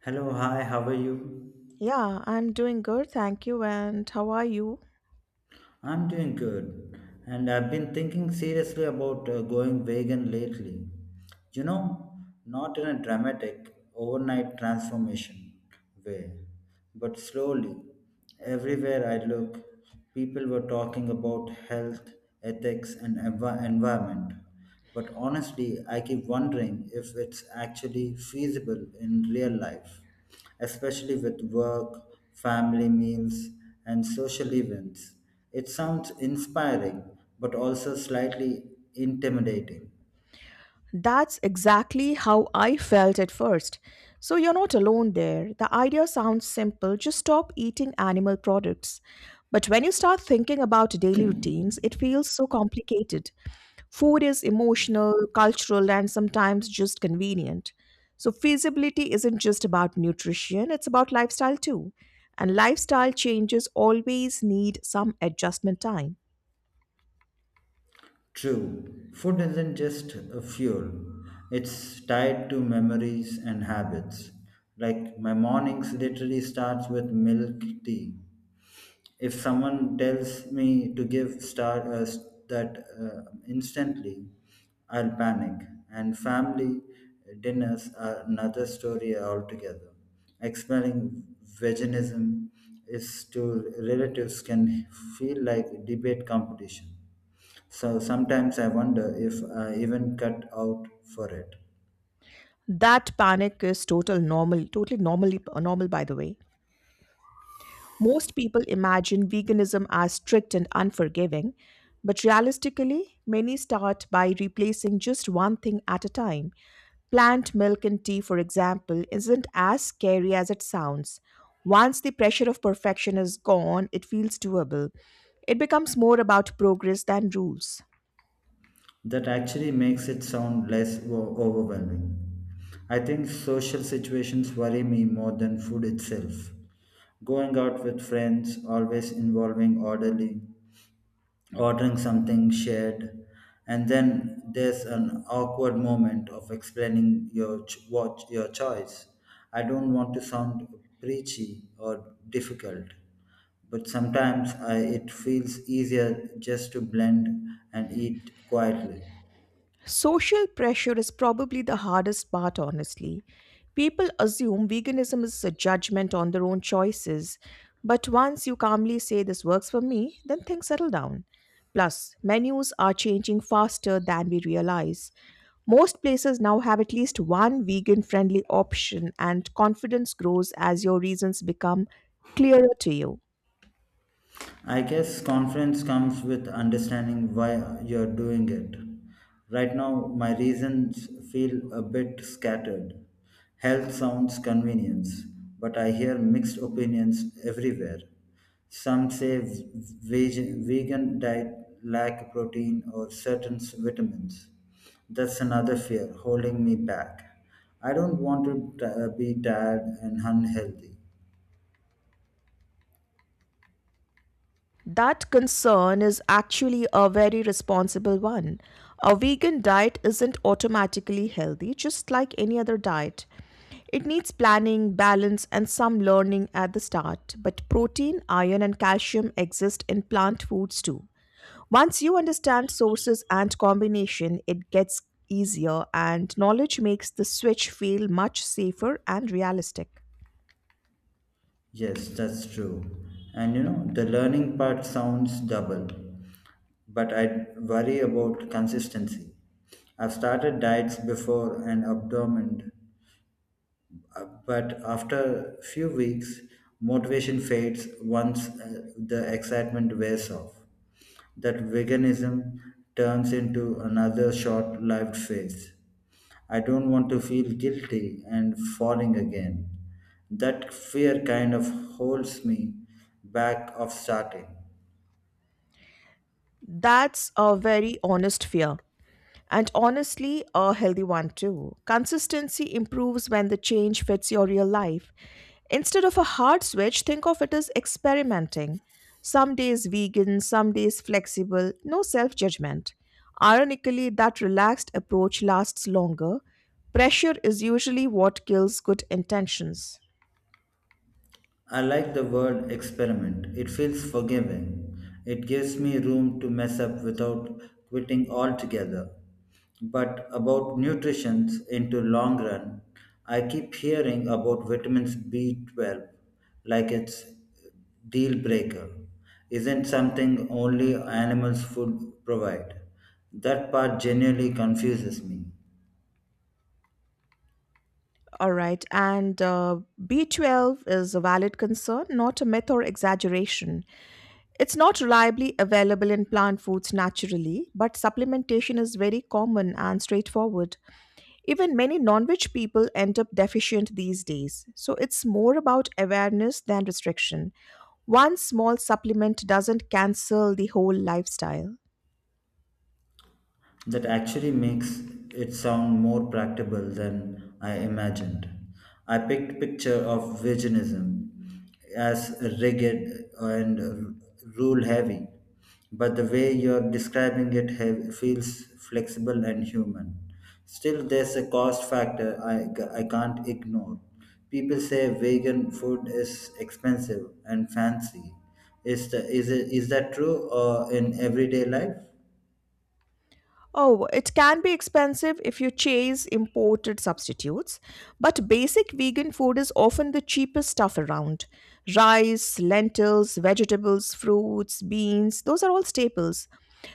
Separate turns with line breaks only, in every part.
Hello, hi, how are you?
Yeah, I'm doing good, thank you. And how are you?
I'm doing good, and I've been thinking seriously about going vegan lately. You know, not in a dramatic, overnight transformation way, but slowly. Everywhere I look, people were talking about health, ethics, and environment. But honestly, I keep wondering if it's actually feasible in real life, especially with work, family meals, and social events. It sounds inspiring, but also slightly intimidating.
That's exactly how I felt at first. So you're not alone there. The idea sounds simple just stop eating animal products. But when you start thinking about daily routines, it feels so complicated. Food is emotional, cultural, and sometimes just convenient. So, feasibility isn't just about nutrition, it's about lifestyle too. And lifestyle changes always need some adjustment time.
True, food isn't just a fuel, it's tied to memories and habits. Like my mornings literally starts with milk tea. If someone tells me to give star s- that instantly, I'll panic. And family dinners are another story altogether. Expelling veganism is to relatives can feel like debate competition. So sometimes I wonder if I even cut out for it.
That panic is totally normal by the way. Most people imagine veganism as strict and unforgiving, but realistically, many start by replacing just one thing at a time. Plant milk and tea, for example, isn't as scary as it sounds. Once the pressure of perfection is gone, it feels doable. It becomes more about progress than rules.
That actually makes it sound less overwhelming. I think social situations worry me more than food itself. Going out with friends, always involving orderly ordering something shared, and then there's an awkward moment of explaining what your choice. I don't want to sound preachy or difficult, but sometimes it feels easier just to blend and eat quietly.
Social pressure is probably the hardest part, honestly. People assume veganism is a judgment on their own choices, but once you calmly say this works for me, then things settle down. Plus, menus are changing faster than we realize. Most places now have at least one vegan friendly option, and confidence grows as your reasons become clearer to you.
I guess confidence comes with understanding why you're doing it. Right now, my reasons feel a bit scattered. Health sounds convenience, but I hear mixed opinions everywhere. Some say vegan diet lack protein or certain vitamins. That's another fear holding me back. I don't want to be tired and unhealthy.
That concern is actually a very responsible one. A vegan diet isn't automatically healthy, just like any other diet. It needs planning, balance, and some learning at the start. But protein, iron, and calcium exist in plant foods too. Once you understand sources and combination, it gets easier, and knowledge makes the switch feel much safer and realistic.
Yes, that's true. And you know, the learning part sounds double, but I worry about consistency. I've started diets before and abandoned but after a few weeks, motivation fades once the excitement wears off. That veganism turns into another short lived phase. I don't want to feel guilty and falling again. That fear kind of holds me back of starting.
That's a very honest fear. And honestly, a healthy one too. Consistency improves when the change fits your real life. Instead of a hard switch, think of it as experimenting. Some days vegan, some days flexible, no self judgment. Ironically, that relaxed approach lasts longer. Pressure is usually what kills good intentions.
I like the word experiment. It feels forgiving. It gives me room to mess up without quitting altogether. But about nutrition into long run, I keep hearing about vitamins B12 like it's deal breaker. Isn't something only animals food provide? That part genuinely confuses me.
All right, and B12 is a valid concern, not a myth or exaggeration. It's not reliably available in plant foods naturally, but supplementation is very common and straightforward. Even many non veg people end up deficient these days, so it's more about awareness than restriction. One small supplement doesn't cancel the whole lifestyle.
That actually makes it sound more practicable than I imagined. I picked picture of veganism as rigid and rule heavy, but the way you're describing feels flexible and human. Still, there's a cost factor I can't ignore. People say vegan food is expensive and fancy. Is, the, is, it, is that true or in everyday life?
Oh, it can be expensive if you chase imported substitutes, but basic vegan food is often the cheapest stuff around. Rice, lentils, vegetables, fruits, beans, those are all staples.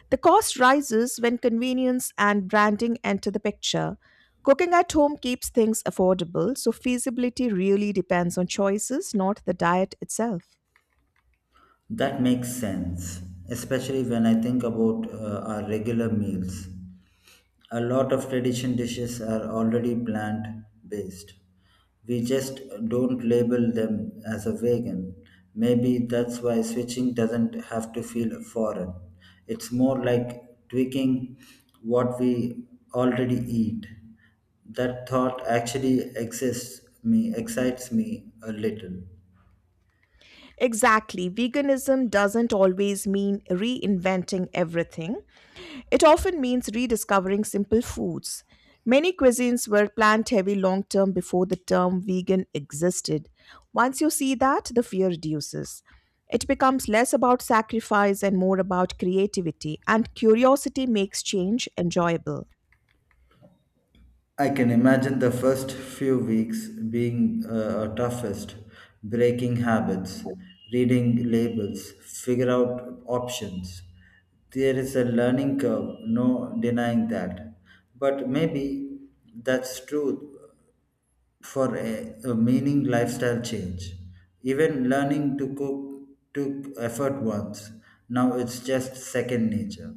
The cost rises when convenience and branding enter the picture. Cooking at home keeps things affordable, so feasibility really depends on choices, not the diet itself.
That makes sense, especially when I think about our regular meals. A lot of tradition dishes are already plant based. We just don't label them as a vegan. Maybe that's why switching doesn't have to feel foreign. It's more like tweaking what we already eat. That thought actually exists me excites me a little.
Exactly. Veganism doesn't always mean reinventing everything. It often means rediscovering simple foods. Many cuisines were plant heavy long term before the term vegan existed. Once you see that, the fear reduces. It becomes less about sacrifice and more about creativity, and curiosity makes change enjoyable.
I can imagine the first few weeks being our toughest, breaking habits, reading labels, figure out options. There is a learning curve, no denying that. But maybe that's true for a meaning lifestyle change. Even learning to cook took effort once. Now it's just second nature.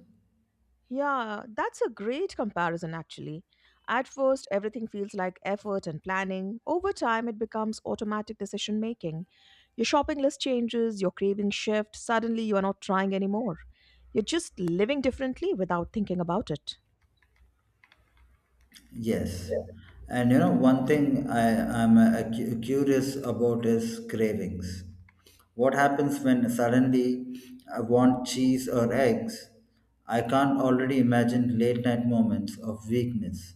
Yeah, that's a great comparison actually. At first, everything feels like effort and planning. Over time, it becomes automatic decision making. Your shopping list changes, your cravings shift, suddenly you are not trying anymore. You're just living differently without thinking about it.
Yes. And you know, one thing I'm curious about is cravings. What happens when suddenly I want cheese or eggs? I can't already imagine late night moments of weakness.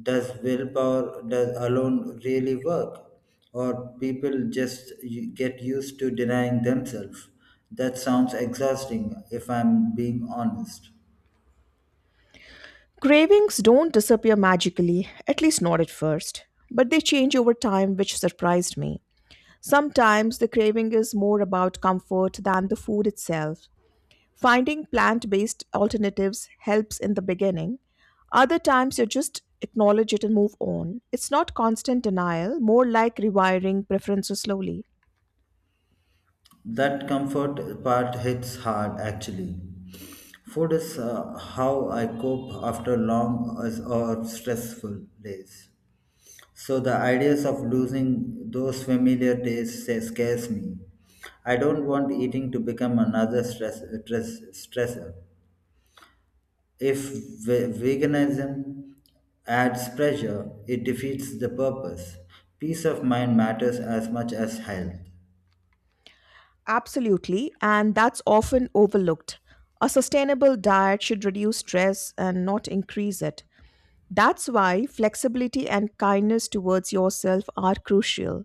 Does willpower does alone really work? Or people just get used to denying themselves? That sounds exhausting if I'm being honest.
Cravings don't disappear magically, at least not at first, but they change over time, which surprised me. Sometimes the craving is more about comfort than the food itself. Finding plant based alternatives helps in the beginning. Other times you just acknowledge it and move on. It's not constant denial, more like rewiring preferences slowly.
That comfort part hits hard actually. Food is how I cope after long as- or stressful days. So the ideas of losing those familiar tastes say, scares me. I don't want eating to become another stressor. If veganism adds pressure, it defeats the purpose. Peace of mind matters as much as health.
Absolutely, and that's often overlooked. A sustainable diet should reduce stress and not increase it. That's why flexibility and kindness towards yourself are crucial.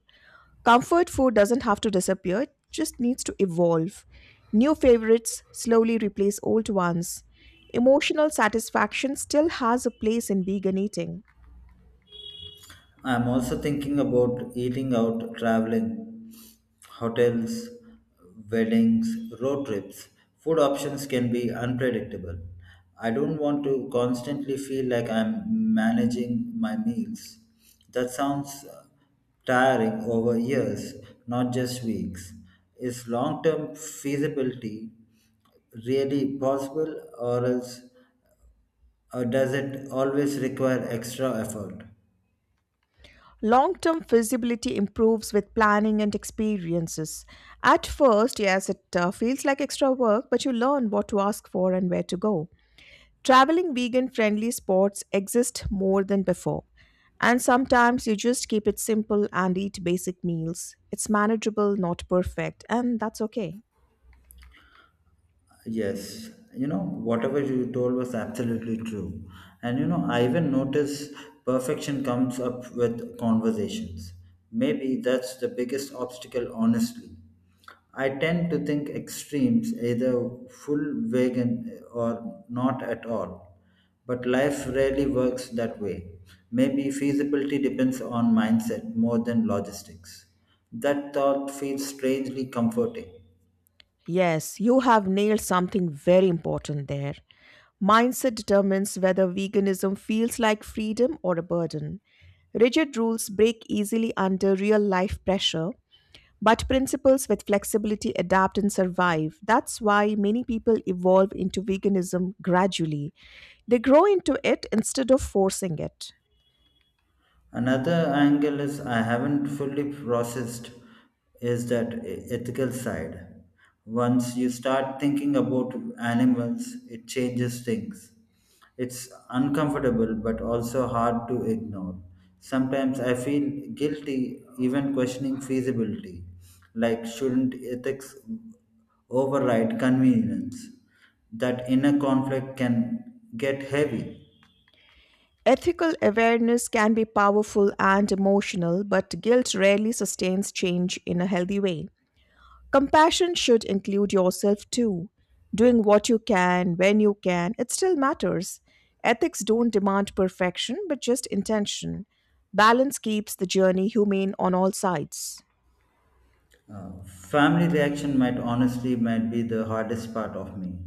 Comfort food doesn't have to disappear, it just needs to evolve. New favorites slowly replace old ones. Emotional satisfaction still has a place in vegan eating.
I'm also thinking about eating out, traveling, hotels, weddings, road trips. Food options can be unpredictable. I don't want to constantly feel like I'm managing my meals. That sounds tiring over years, not just weeks. Is long term feasibility really possible, or does it always require extra effort?
Long term feasibility improves with planning and experiences. At first, yes, it feels like extra work, but you learn what to ask for and where to go. Traveling vegan friendly spots exist more than before, and sometimes you just keep it simple and eat basic meals. It's manageable, not perfect, and that's okay.
Yes, you know, whatever you told was absolutely true. And you know, I even notice perfection comes up with conversations. Maybe that's the biggest obstacle, honestly. I tend to think extremes, either full vegan or not at all. But life rarely works that way. Maybe feasibility depends on mindset more than logistics. That thought feels strangely comforting.
Yes, you have nailed something very important there. Mindset determines whether veganism feels like freedom or a burden. Rigid rules break easily under real life pressure, but principles with flexibility adapt and survive. That's why many people evolve into veganism gradually. They grow into it instead of forcing it.
Another angle is I haven't fully processed is that ethical side. Once you start thinking about animals, it changes things. It's uncomfortable but also hard to ignore. Sometimes I feel guilty even questioning feasibility, like shouldn't ethics override convenience? That inner conflict can get heavy.
Ethical awareness can be powerful and emotional, but guilt rarely sustains change in a healthy way. Compassion should include yourself too. Doing what you can, when you can, it still matters. Ethics don't demand perfection, but just intention. Balance keeps the journey humane on all sides.
Family reaction might honestly might be the hardest part of me.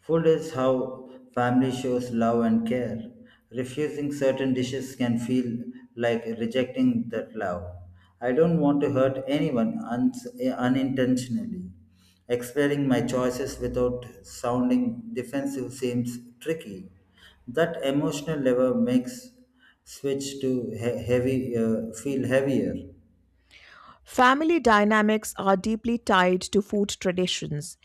Food is how family shows love and care. Refusing certain dishes can feel like rejecting that love. I don't want to hurt anyone unintentionally. Explaining my choices without sounding defensive seems tricky. That emotional level makes switch to he- heavy feel heavier.
Family dynamics are deeply tied to food traditions.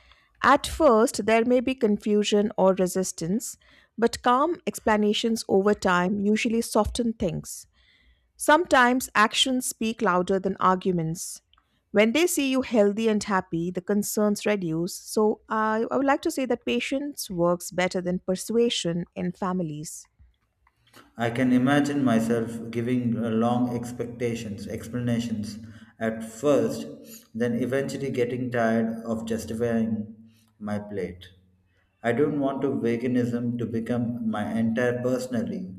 At first, there may be confusion or resistance, but calm explanations over time usually soften things. Sometimes actions speak louder than arguments. When they see you healthy and happy, the concerns reduce. So, I would like to say that patience works better than persuasion in families.
I can imagine myself giving long explanations at first, then eventually getting tired of justifying my plate. I don't want to veganism to become my entire personally.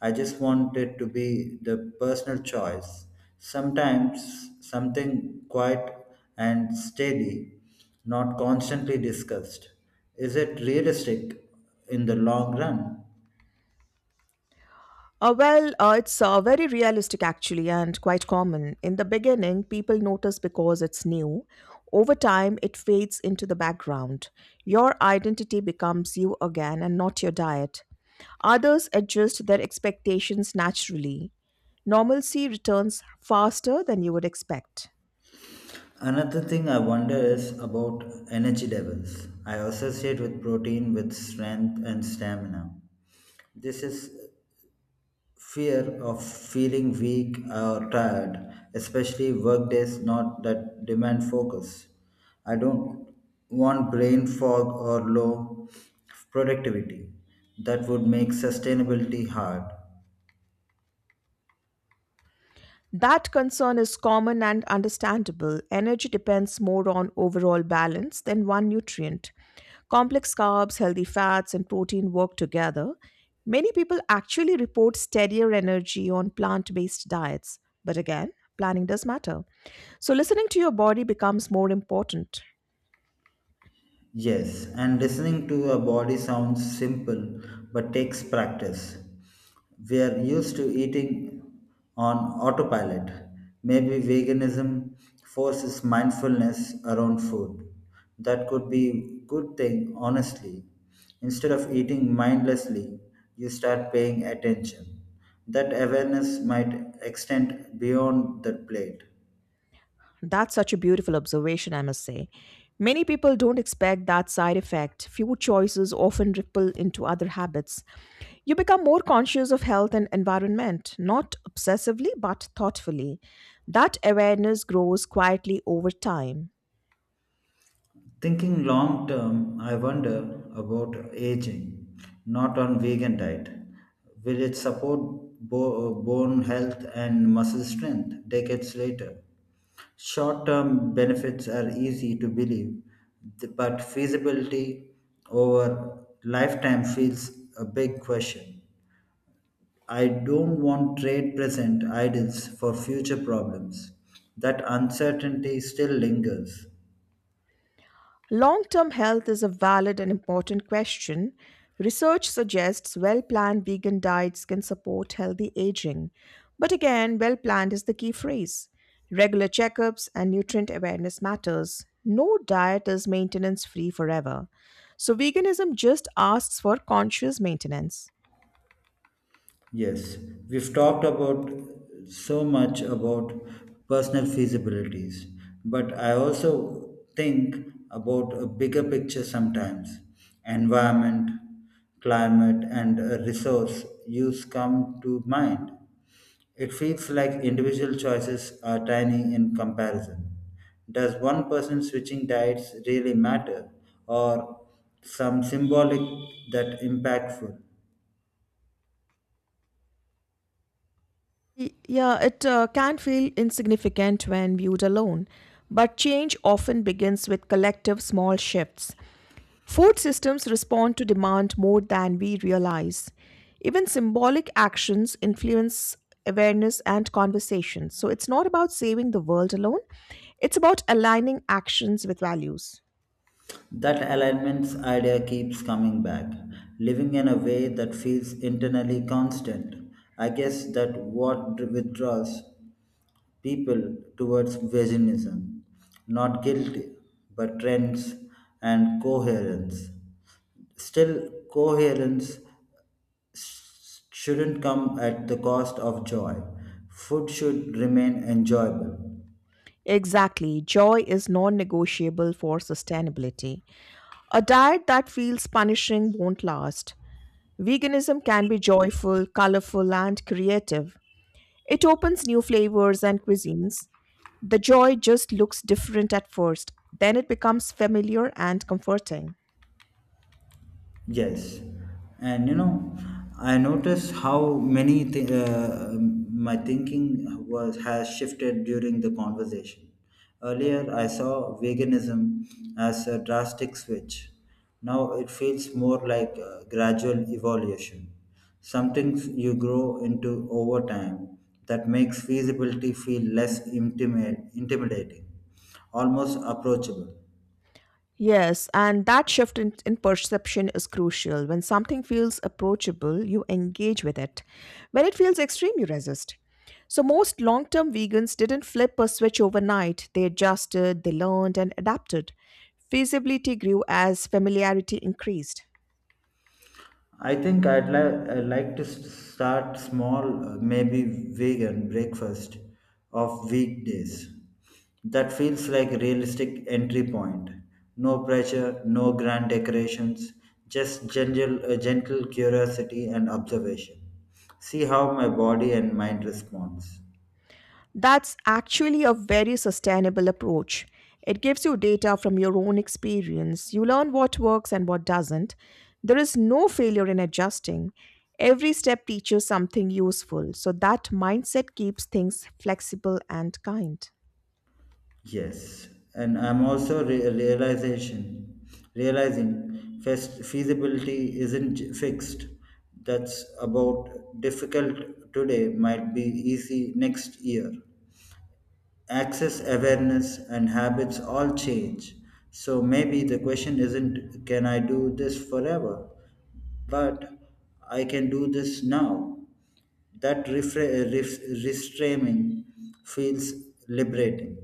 I just want it to be the personal choice. Sometimes something quiet and steady, not constantly discussed. Is it realistic in the long run?
Well, it's very realistic actually and quite common. In the beginning, people notice because it's new. Over time, it fades into the background. Your identity becomes you again and not your diet. Others adjust their expectations naturally. Normalcy returns faster than you would expect.
Another thing I wonder is about energy levels. I associate with protein with strength and stamina. This is fear of feeling weak or tired, especially work days not that demand focus. I don't want brain fog or low productivity. That would make sustainability hard.
That concern is common and understandable. Energy depends more on overall balance than one nutrient. Complex carbs, healthy fats, and protein work together. Many people actually report steadier energy on plant based diets. But again, planning does matter. So, listening to your body becomes more important.
Yes, and listening to a body sounds simple but takes practice. We are used to eating on autopilot. Maybe veganism forces mindfulness around food. That could be good thing honestly. Instead of eating mindlessly, you start paying attention. That awareness might extend beyond the plate.
That's such a beautiful observation, I must say. Many people don't expect that side effect. Few choices often ripple into other habits. You become more conscious of health and environment, not obsessively but thoughtfully. That awareness grows quietly over time.
Thinking long term, I wonder about aging, not on vegan diet. Will it support bone health and muscle strength decades later? Short term benefits are easy to believe, but feasibility over lifetime feels a big question. I don't want trade present ideals for future problems. That uncertainty still lingers.
Long term health is a valid and important question. Research suggests well planned vegan diets can support healthy aging. But again, well planned is the key phrase. Regular checkups and nutrient awareness matters. No diet is maintenance free forever. So, veganism just asks for conscious maintenance.
Yes, we've talked about so much about personal feasibilities, but I also think about a bigger picture sometimes. Environment, climate, and resource use come to mind. It feels like individual choices are tiny in comparison. Does one person switching diets really matter, or some symbolic that impactful?
Yeah, it can feel insignificant when viewed alone, but change often begins with collective small shifts. Food systems respond to demand more than we realize. Even symbolic actions influence awareness and conversation. So it's not about saving the world alone, it's about aligning actions with values.
That alignments idea keeps coming back, living in a way that feels internally constant. I guess that what withdraws people towards veganism, not guilt, but trends and coherence. Still, coherence shouldn't come at the cost of joy. Food should remain enjoyable.
Exactly. Joy is non negotiable for sustainability. A diet that feels punishing won't last. Veganism can be joyful, colorful, and creative. It opens new flavors and cuisines. The joy just looks different at first, then it becomes familiar and comforting.
Yes, and you know, I noticed how many my thinking was has shifted during the conversation. Earlier, I saw veganism as a drastic switch. Now it feels more like a gradual evolution, something you grow into over time that makes feasibility feel less intimidating, almost approachable.
Yes, and that shift in perception is crucial. When something feels approachable, you engage with it. When it feels extreme, you resist. So, most long term vegans didn't flip a switch overnight. They adjusted, they learned, and adapted. Feasibility grew as familiarity increased.
I think I like to start small, maybe vegan breakfast of weekdays. That feels like a realistic entry point. No pressure, no grand decorations, just gentle curiosity and observation. See how my body and mind responds.
That's actually a very sustainable approach. It gives you data from your own experience. You learn what works and what doesn't. There is no failure in adjusting. Every step teaches something useful. So that mindset keeps things flexible and kind.
Yes, and I'm also re- realization realizing feasibility isn't fixed. That's about difficult today might be easy next year. Access, awareness, and habits all change. So maybe the question isn't can I do this forever, but I can do this now. That reframing feels liberating.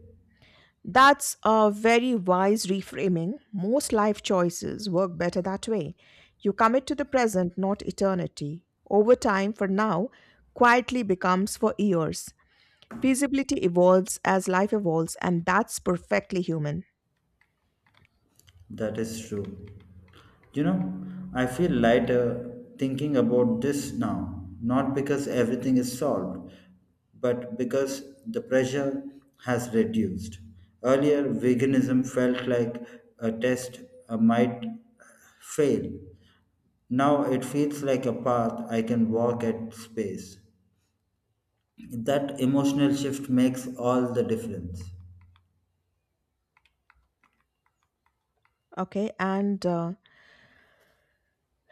That's a very wise reframing. Most life choices work better that way. You commit to the present, not eternity. Over time, for now, quietly becomes for years. Feasibility evolves as life evolves, and that's perfectly human.
That is true. You know, I feel lighter thinking about this now, not because everything is solved, but because the pressure has reduced. Earlier, veganism felt like a test I might fail. Now it feels like a path I can walk at space. That emotional shift makes all the difference.
Okay, and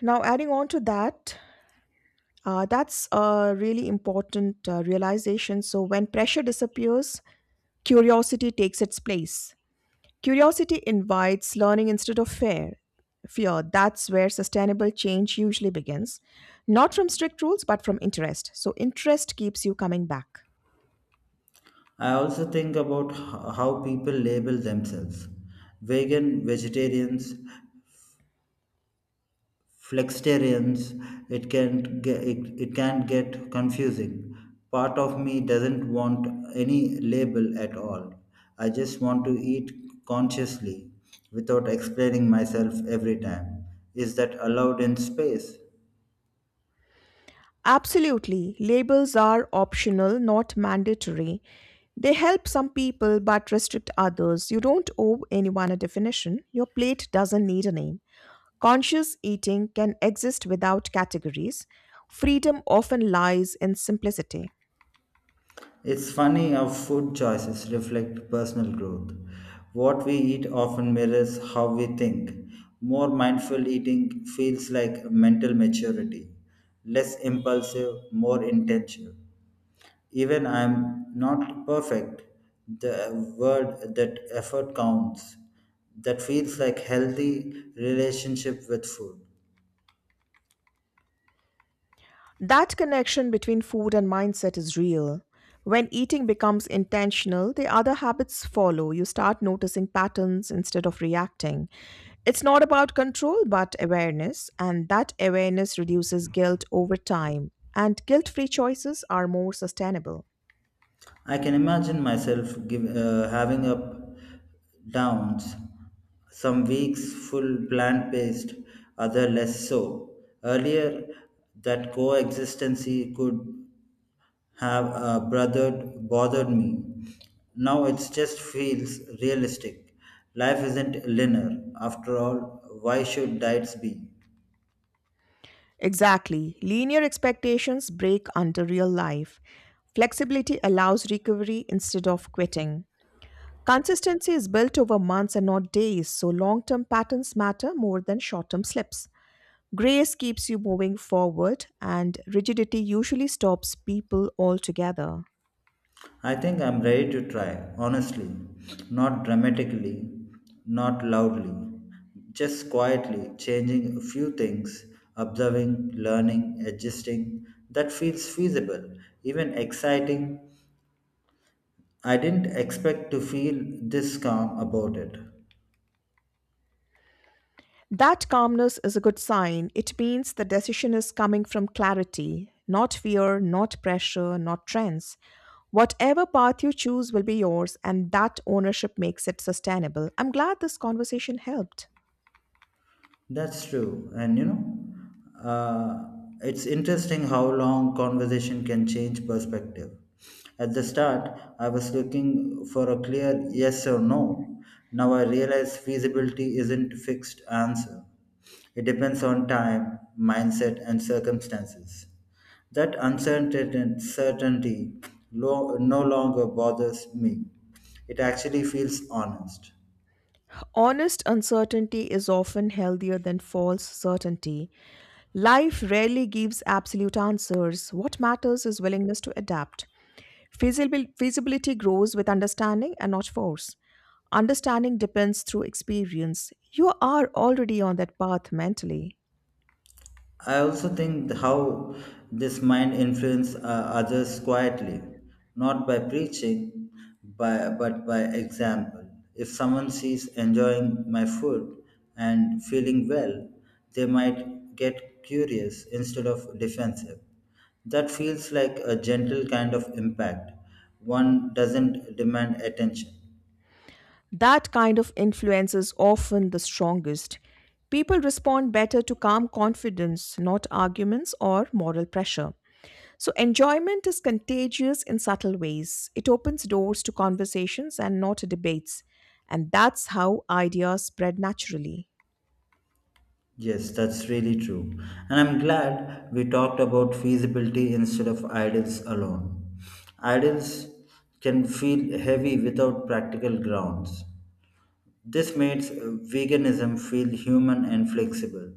now adding on to that, that's a really important realization. So when pressure disappears, curiosity takes its place. Curiosity invites learning instead of fear. Fear, that's where sustainable change usually begins. Not from strict rules, but from interest. So, interest keeps you coming back.
I also think about how people label themselves vegan, vegetarians, flexitarians. It can get confusing. Part of me doesn't want any label at all. I just want to eat consciously without explaining myself every time. Is that allowed in space?
Absolutely. Labels are optional, not mandatory. They help some people but restrict others. You don't owe anyone a definition. Your plate doesn't need a name. Conscious eating can exist without categories. Freedom often lies in simplicity.
It's funny how food choices reflect personal growth. What we eat often mirrors how we think. More mindful eating feels like mental maturity, less impulsive, more intentional. Even I'm not perfect, the word that effort counts. That feels like healthy relationship with food.
That connection between food and mindset is real. When eating becomes intentional, the other habits follow. You start noticing patterns instead of reacting. It's not about control, but awareness, and that awareness reduces guilt over time. And guilt free choices are more sustainable.
I can imagine myself having up downs, some weeks full plant based, other less so. Earlier, that coexistency could have bothered me. Now it just feels realistic. Life isn't linear. After all, why should diets be?
Exactly. Linear expectations break under real life. Flexibility allows recovery instead of quitting. Consistency is built over months and not days, so long term patterns matter more than short term slips. Grace keeps you moving forward, and rigidity usually stops people altogether.
I think I'm ready to try, honestly. Not dramatically, not loudly, just quietly changing a few things, observing, learning, adjusting. That feels feasible, even exciting. I didn't expect to feel this calm about it.
That calmness is a good sign. It means the decision is coming from clarity, not fear, not pressure, not trends. Whatever path you choose will be yours, and that ownership makes it sustainable. I'm glad this conversation helped.
That's true. And you know, uh, it's interesting how long conversation can change perspective. At the start, I was looking for a clear yes or no. Now I realize feasibility isn't a fixed answer. It depends on time, mindset, and circumstances. That uncertainty certainty no longer bothers me. It actually feels honest.
Honest uncertainty is often healthier than false certainty. Life rarely gives absolute answers. What matters is willingness to adapt. Feasibility grows with understanding and not force. Understanding depends through experience. You are already on that path mentally.
I also think how this mind influences others quietly, not by preaching, but by example. If someone sees enjoying my food and feeling well, they might get curious instead of defensive. That feels like a gentle kind of impact. One doesn't demand attention.
That kind of influence is often the strongest. People respond better to calm confidence, not arguments or moral pressure. So, enjoyment is contagious in subtle ways. It opens doors to conversations and not debates. And that's how ideas spread naturally.
Yes, that's really true. And I'm glad we talked about feasibility instead of ideals alone. Ideals can feel heavy without practical grounds. This makes veganism feel human and flexible.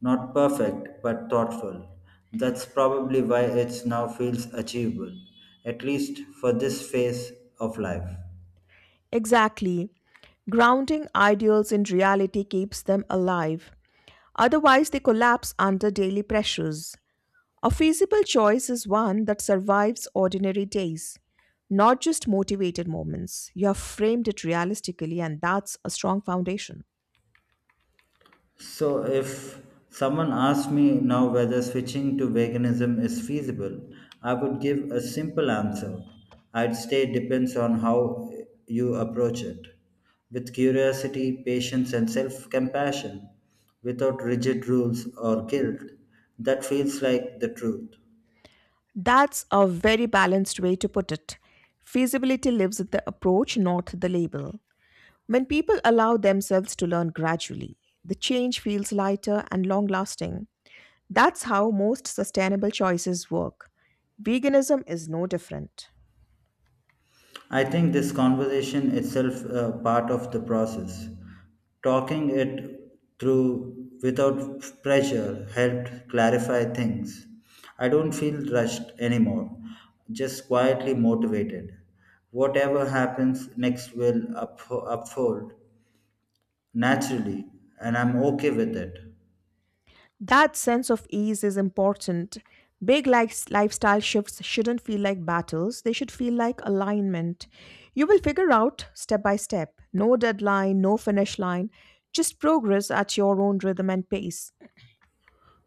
Not perfect, but thoughtful. That's probably why it now feels achievable, at least for this phase of life.
Exactly. Grounding ideals in reality keeps them alive. Otherwise, they collapse under daily pressures. A feasible choice is one that survives ordinary days, not just motivated moments. You have framed it realistically, and that's a strong foundation.
So, if someone asked me now whether switching to veganism is feasible, I would give a simple answer. I'd say it depends on how you approach it with curiosity, patience, and self compassion without rigid rules or guilt. That feels like the truth.
That's a very balanced way to put it. Feasibility lives in the approach, not the label. When people allow themselves to learn gradually, the change feels lighter and long lasting. That's how most sustainable choices work. Veganism is no different.
I think this conversation itself part of the process. Talking it through without pressure helped clarify things. I don't feel rushed anymore, just quietly motivated. Whatever happens next will unfold naturally, and I'm okay with it.
That sense of ease is important. Big lifestyle shifts shouldn't feel like battles, they should feel like alignment. You will figure out step by step. No deadline, no finish line, just progress at your own rhythm and pace.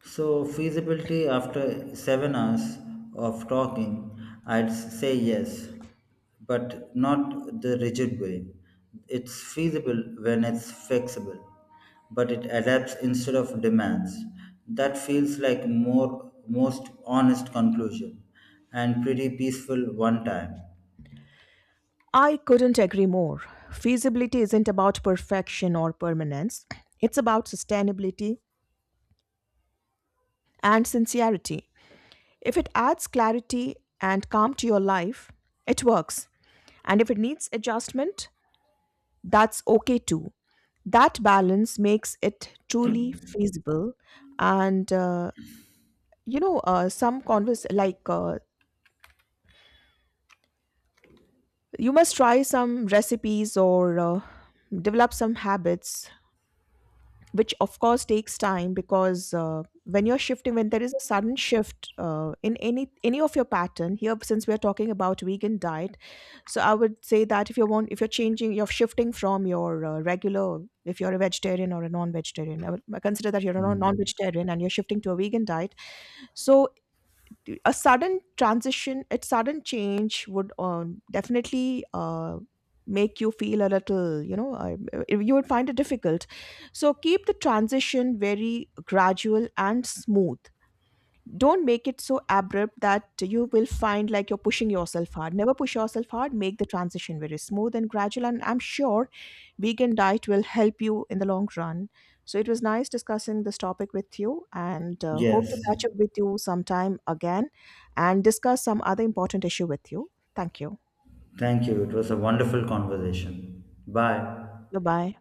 So, feasibility after 7 hours of talking, I'd say yes, but not the rigid way. It's feasible when it's flexible, but it adapts instead of demands. That feels like more most honest conclusion and pretty peaceful one time.
I couldn't agree more. Feasibility isn't about perfection or permanence, it's about sustainability and sincerity. If it adds clarity and calm to your life, it works. And if it needs adjustment, that's okay too. That balance makes it truly feasible. And, you know, some converse, like, you must try some recipes or develop some habits which of course takes time because when you're shifting when there is a sudden shift in any of your pattern here since we are talking about vegan diet. So I would say that if you want if you're shifting from your regular, if you're a vegetarian or a non-vegetarian, I consider that you're a
Mm.
non-vegetarian and you're shifting to a vegan diet. So a sudden transition, a sudden change would definitely make you feel a little, you would find it difficult. So keep the transition very gradual and smooth. Don't make it so abrupt that you will find like you're pushing yourself hard. Never push yourself hard, make the transition very smooth and gradual, and I'm sure vegan diet will help you in the long run. So it was nice discussing this topic with you, and hope to
Yes.
catch up with you sometime again and discuss some other important issue with you. Thank you.
Thank you. It was a wonderful conversation. Bye.
Goodbye.